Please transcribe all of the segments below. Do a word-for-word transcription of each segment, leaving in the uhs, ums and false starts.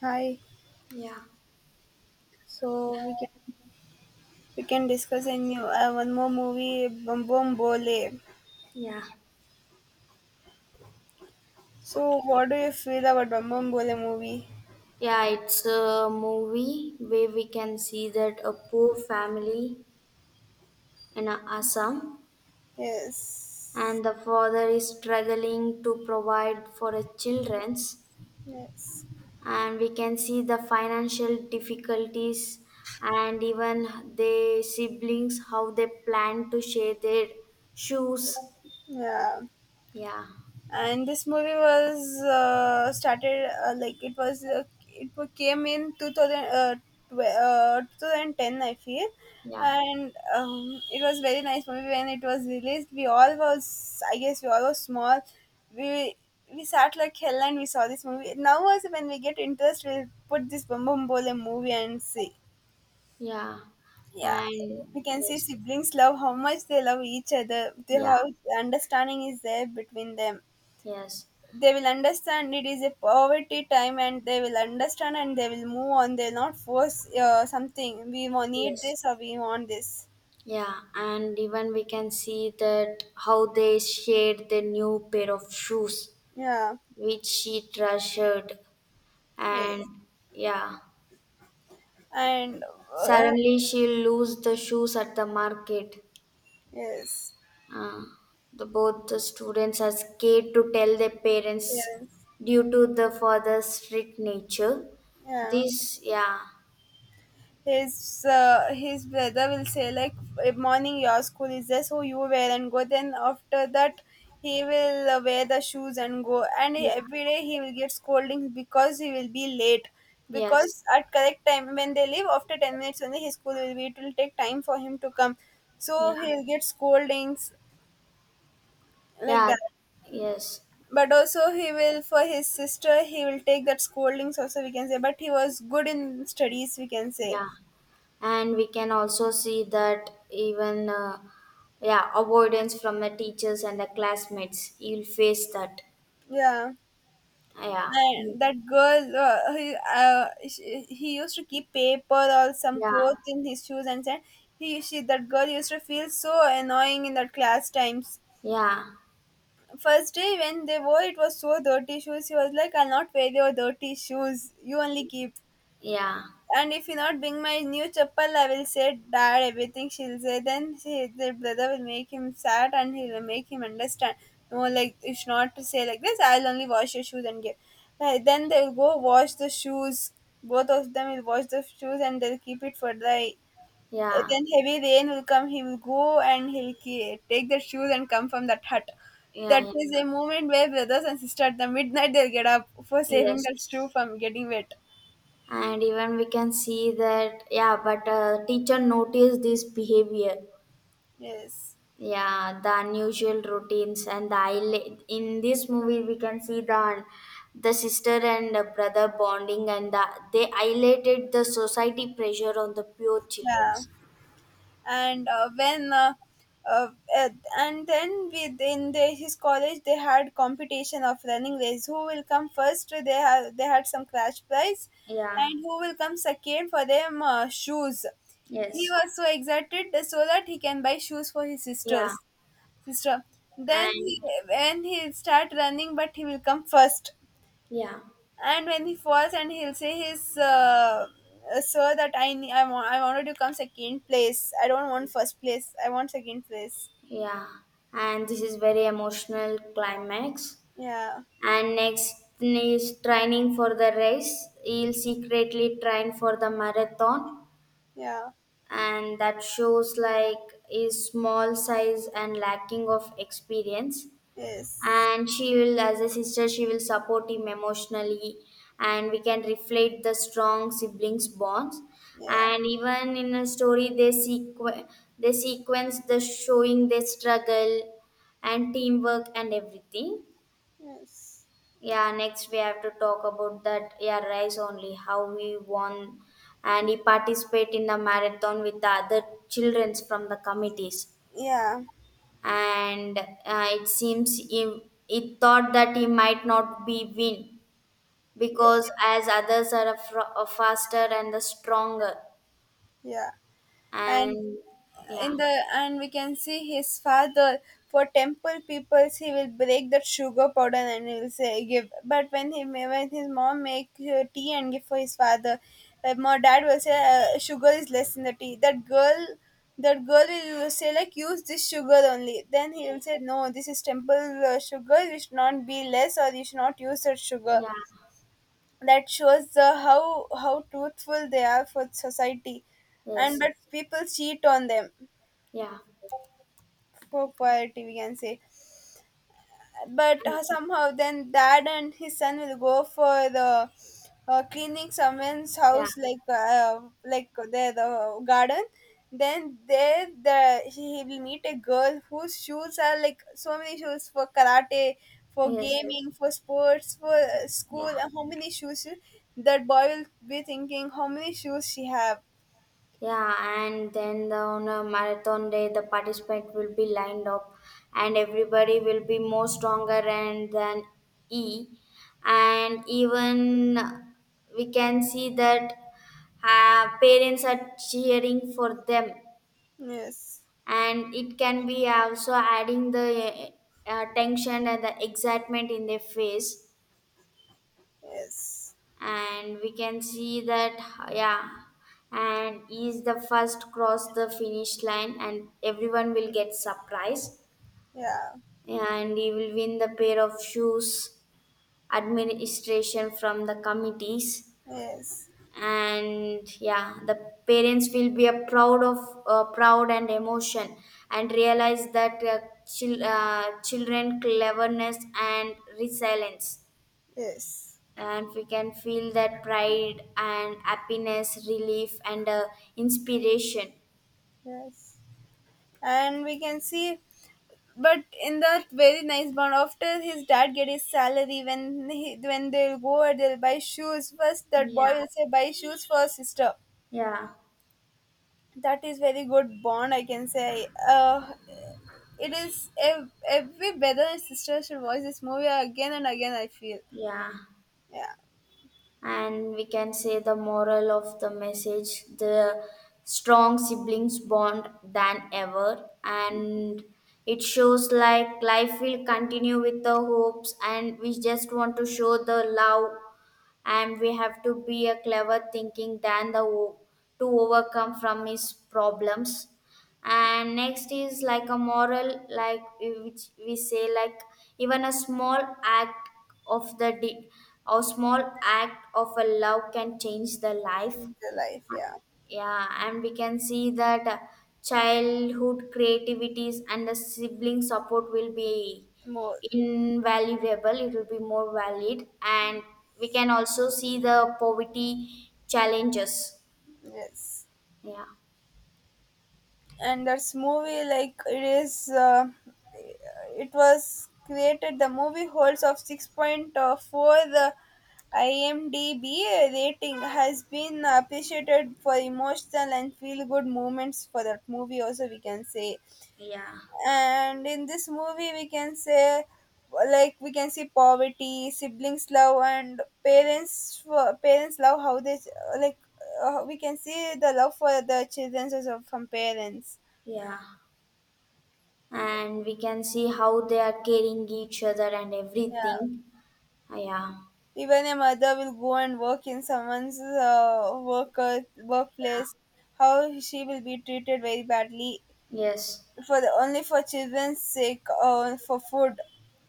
Hi. Yeah. So we can we can discuss a new uh, one more movie, Bumbombole. Yeah. So what do you feel about Bumbombole movie? Yeah, it's a movie where we can see that a poor family in Assam, Yes. and the father is struggling to provide for his children's, Yes. and we can see the financial difficulties, and even their siblings how they plan to share their shoes. Yeah. Yeah, And this movie was uh, started uh, like it was uh, it wa- came in two thousand uh, tw- uh, two thousand ten, I feel. yeah, And um, it was very nice movie. When it was released, we all was, I guess we all was small. we we sat like hell and we saw this movie. Now also when we get interest we'll put this bum bum bole movie and see. yeah. Yeah, And we can see yes, siblings love, how much they love each other, the yeah, how understanding is there between them. yes, They will understand it is a poverty time and they will understand and they will move on. They'll not force uh, something, we wa- need yes. this or we want this. Yeah, and even we can see that how they shared the new pair of shoes Yeah. which she treasured. And Yes. yeah, And uh, suddenly she lose the shoes at the market. yes, Uh, the both the students are scared to tell their parents parents. due to the father's strict nature. Yeah, This, yeah, his uh, his brother will say like, "Eh, morning your school is there, so you wear and go. Then after that he will uh, wear the shoes and go." And he- every day he will get scoldings because he will be late, yes, because at correct time when they leave, after ten minutes only his school will be, it will take time for him to come, so yeah, he'll get scoldings like yeah, that. yes. But also he will, for his sister he will take that scoldings also, we can say. But he was good in studies, we can say. Yeah, and we can also see that even uh, yeah, avoidance from the teachers and the classmates. You'll face that. Yeah. Yeah, And that girl, uh, he, uh, she, he used to keep paper or some yeah, clothes in his shoes, and said he, she, that girl used to feel so annoying in that class times. yeah, First day when they wore, it was so dirty shoes. He was like, "I'll not wear your dirty shoes. You only keep." yeah, And if you not bring my new chappal, I will say, Dad, everything she'll say. Then she, the brother will make him sad and he'll make him understand. No, like, it's not to say like this. I'll only wash your shoes and give. Like, then they'll go wash the shoes. Both of them will wash the shoes and they'll keep it for the. yeah, Then heavy rain will come. He will go and he'll ke- take the shoes and come from that hut. yeah, That yeah. is a moment where brothers and sisters at the midnight they'll get up for saving Yes. the Yes. shoe from getting wet. And even we can see that, yeah, but uh, teacher noticed this behavior, Yes. yeah, the unusual routines and the isla- in this movie we can see the the sister and the brother bonding, and the, they highlighted the society pressure on the pure children. Yeah. And uh, when uh, uh, uh, and then within the, his college they had competition of running race, who will come first. They had they had some cash prize, Yeah, and who will come second, for them uh, shoes. He yes, was so excited that- so that he can buy shoes for his yeah, sisters sister. Then he, and when he start running, but he will come first. yeah, And when he falls, and he'll say his uh, uh, sir that I, ne- I, want, I wanted to come second place, I don't want first place, I want second place. yeah, and this is very emotional climax. Yeah. And next is training for the race, he'll secretly train for the marathon, Yeah. and that shows like is small size and lacking of experience, Yes. and she will, as a sister, she will support him emotionally, and we can reflect the strong siblings bonds. Yeah. And even in a story they sequ- they sequence the showing their struggle and teamwork and everything. Yes. Yeah, next we have to talk about that. Yeah, rice only how we won, and he participate in the marathon with the other childrens from the committees. Yeah. And uh, it seems he, he thought that he might not be win, because Yes. as others are, a fro- a faster and the stronger. Yeah. And And yeah, in the, and we can see his father, for temple peoples he will break that sugar powder and he will say give. But when he ma- when his mom make uh, tea and give for his father, uh, my dad will say uh, sugar is less in the tea. That girl, that girl will say like use this sugar only. Then he will say no, this is temple uh, sugar, you should not be less or you should not use that sugar. yeah, That shows uh, how how truthful they are for society. And yes, but yes. people cheat on them, Yeah, for poverty we can say. But uh, somehow then dad and his son will go for the uh, cleaning someone's yeah, house, like uh, like their the garden. Then there the he will meet a girl whose shoes are like so many shoes, for karate, for yes, yes, gaming, for sports, for uh, school, yeah. and how many shoes she- that boy will be thinking how many shoes she have. Yeah, and then the, on a marathon day, the participant will be lined up, and everybody will be more stronger and than E, and even we can see that uh, parents are cheering for them, Yes. and it can be also adding the uh, tension and the excitement in their face, Yes. and we can see that, yeah, and he's the first cross the finish line and everyone will get surprised, Yeah. and he will win the pair of shoes administration from the committees. Yes. And yeah, the parents will be a proud of uh, proud and emotion, and realize that uh, chil- uh, children cleverness and resilience, Yes. and we can feel that pride and happiness, relief and uh, inspiration. Yes. And we can see, but in that very nice bond, after his dad get his salary, when he, when they'll go and they'll buy shoes, first that boy Yeah, will say buy shoes for sister. yeah, That is very good bond, I can say. Uh, it is ev- every brother and sister should watch this movie again and again, I feel. yeah. Yeah. And we can say the moral of the message, the strong siblings bond than ever, and it shows like life will continue with the hopes, and we just want to show the love, and we have to be a clever thinking than the o- to overcome from his problems. And next is like a moral, like which we say, like even a small act of the di- a small act of a love can change the It's life. the life, yeah. Yeah, and we can see that uh, childhood creativities and the sibling support will be More. invaluable, it will be more valid, and we can also see the poverty challenges. Yes. Yeah, And that's movie, like it is uh, it was created, the movie holds of six point four, the imdb rating has been appreciated for emotional and feel good moments for that movie also, we can say. yeah, And in this movie we can say like we can see poverty, siblings love, and parents uh, parents love, how they like, uh, we can see the love for the children also from parents. yeah. And we can see how they are caring each other and Yeah. everything. Yeah, Even a mother will go and work in someone's uh, worker yeah, workplace. How she will be treated very badly, yes, for the only for children's sake or for food.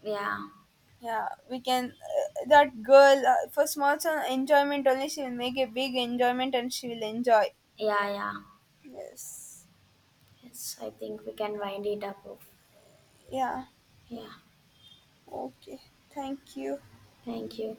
yeah. Yeah, we can. Uh, that girl uh, for small son enjoyment only, she will make a big enjoyment and she will enjoy. Yeah, yeah. Yes. Yes, I think we can wind it up. Yeah. Yeah, Okay. Thank you. thank you.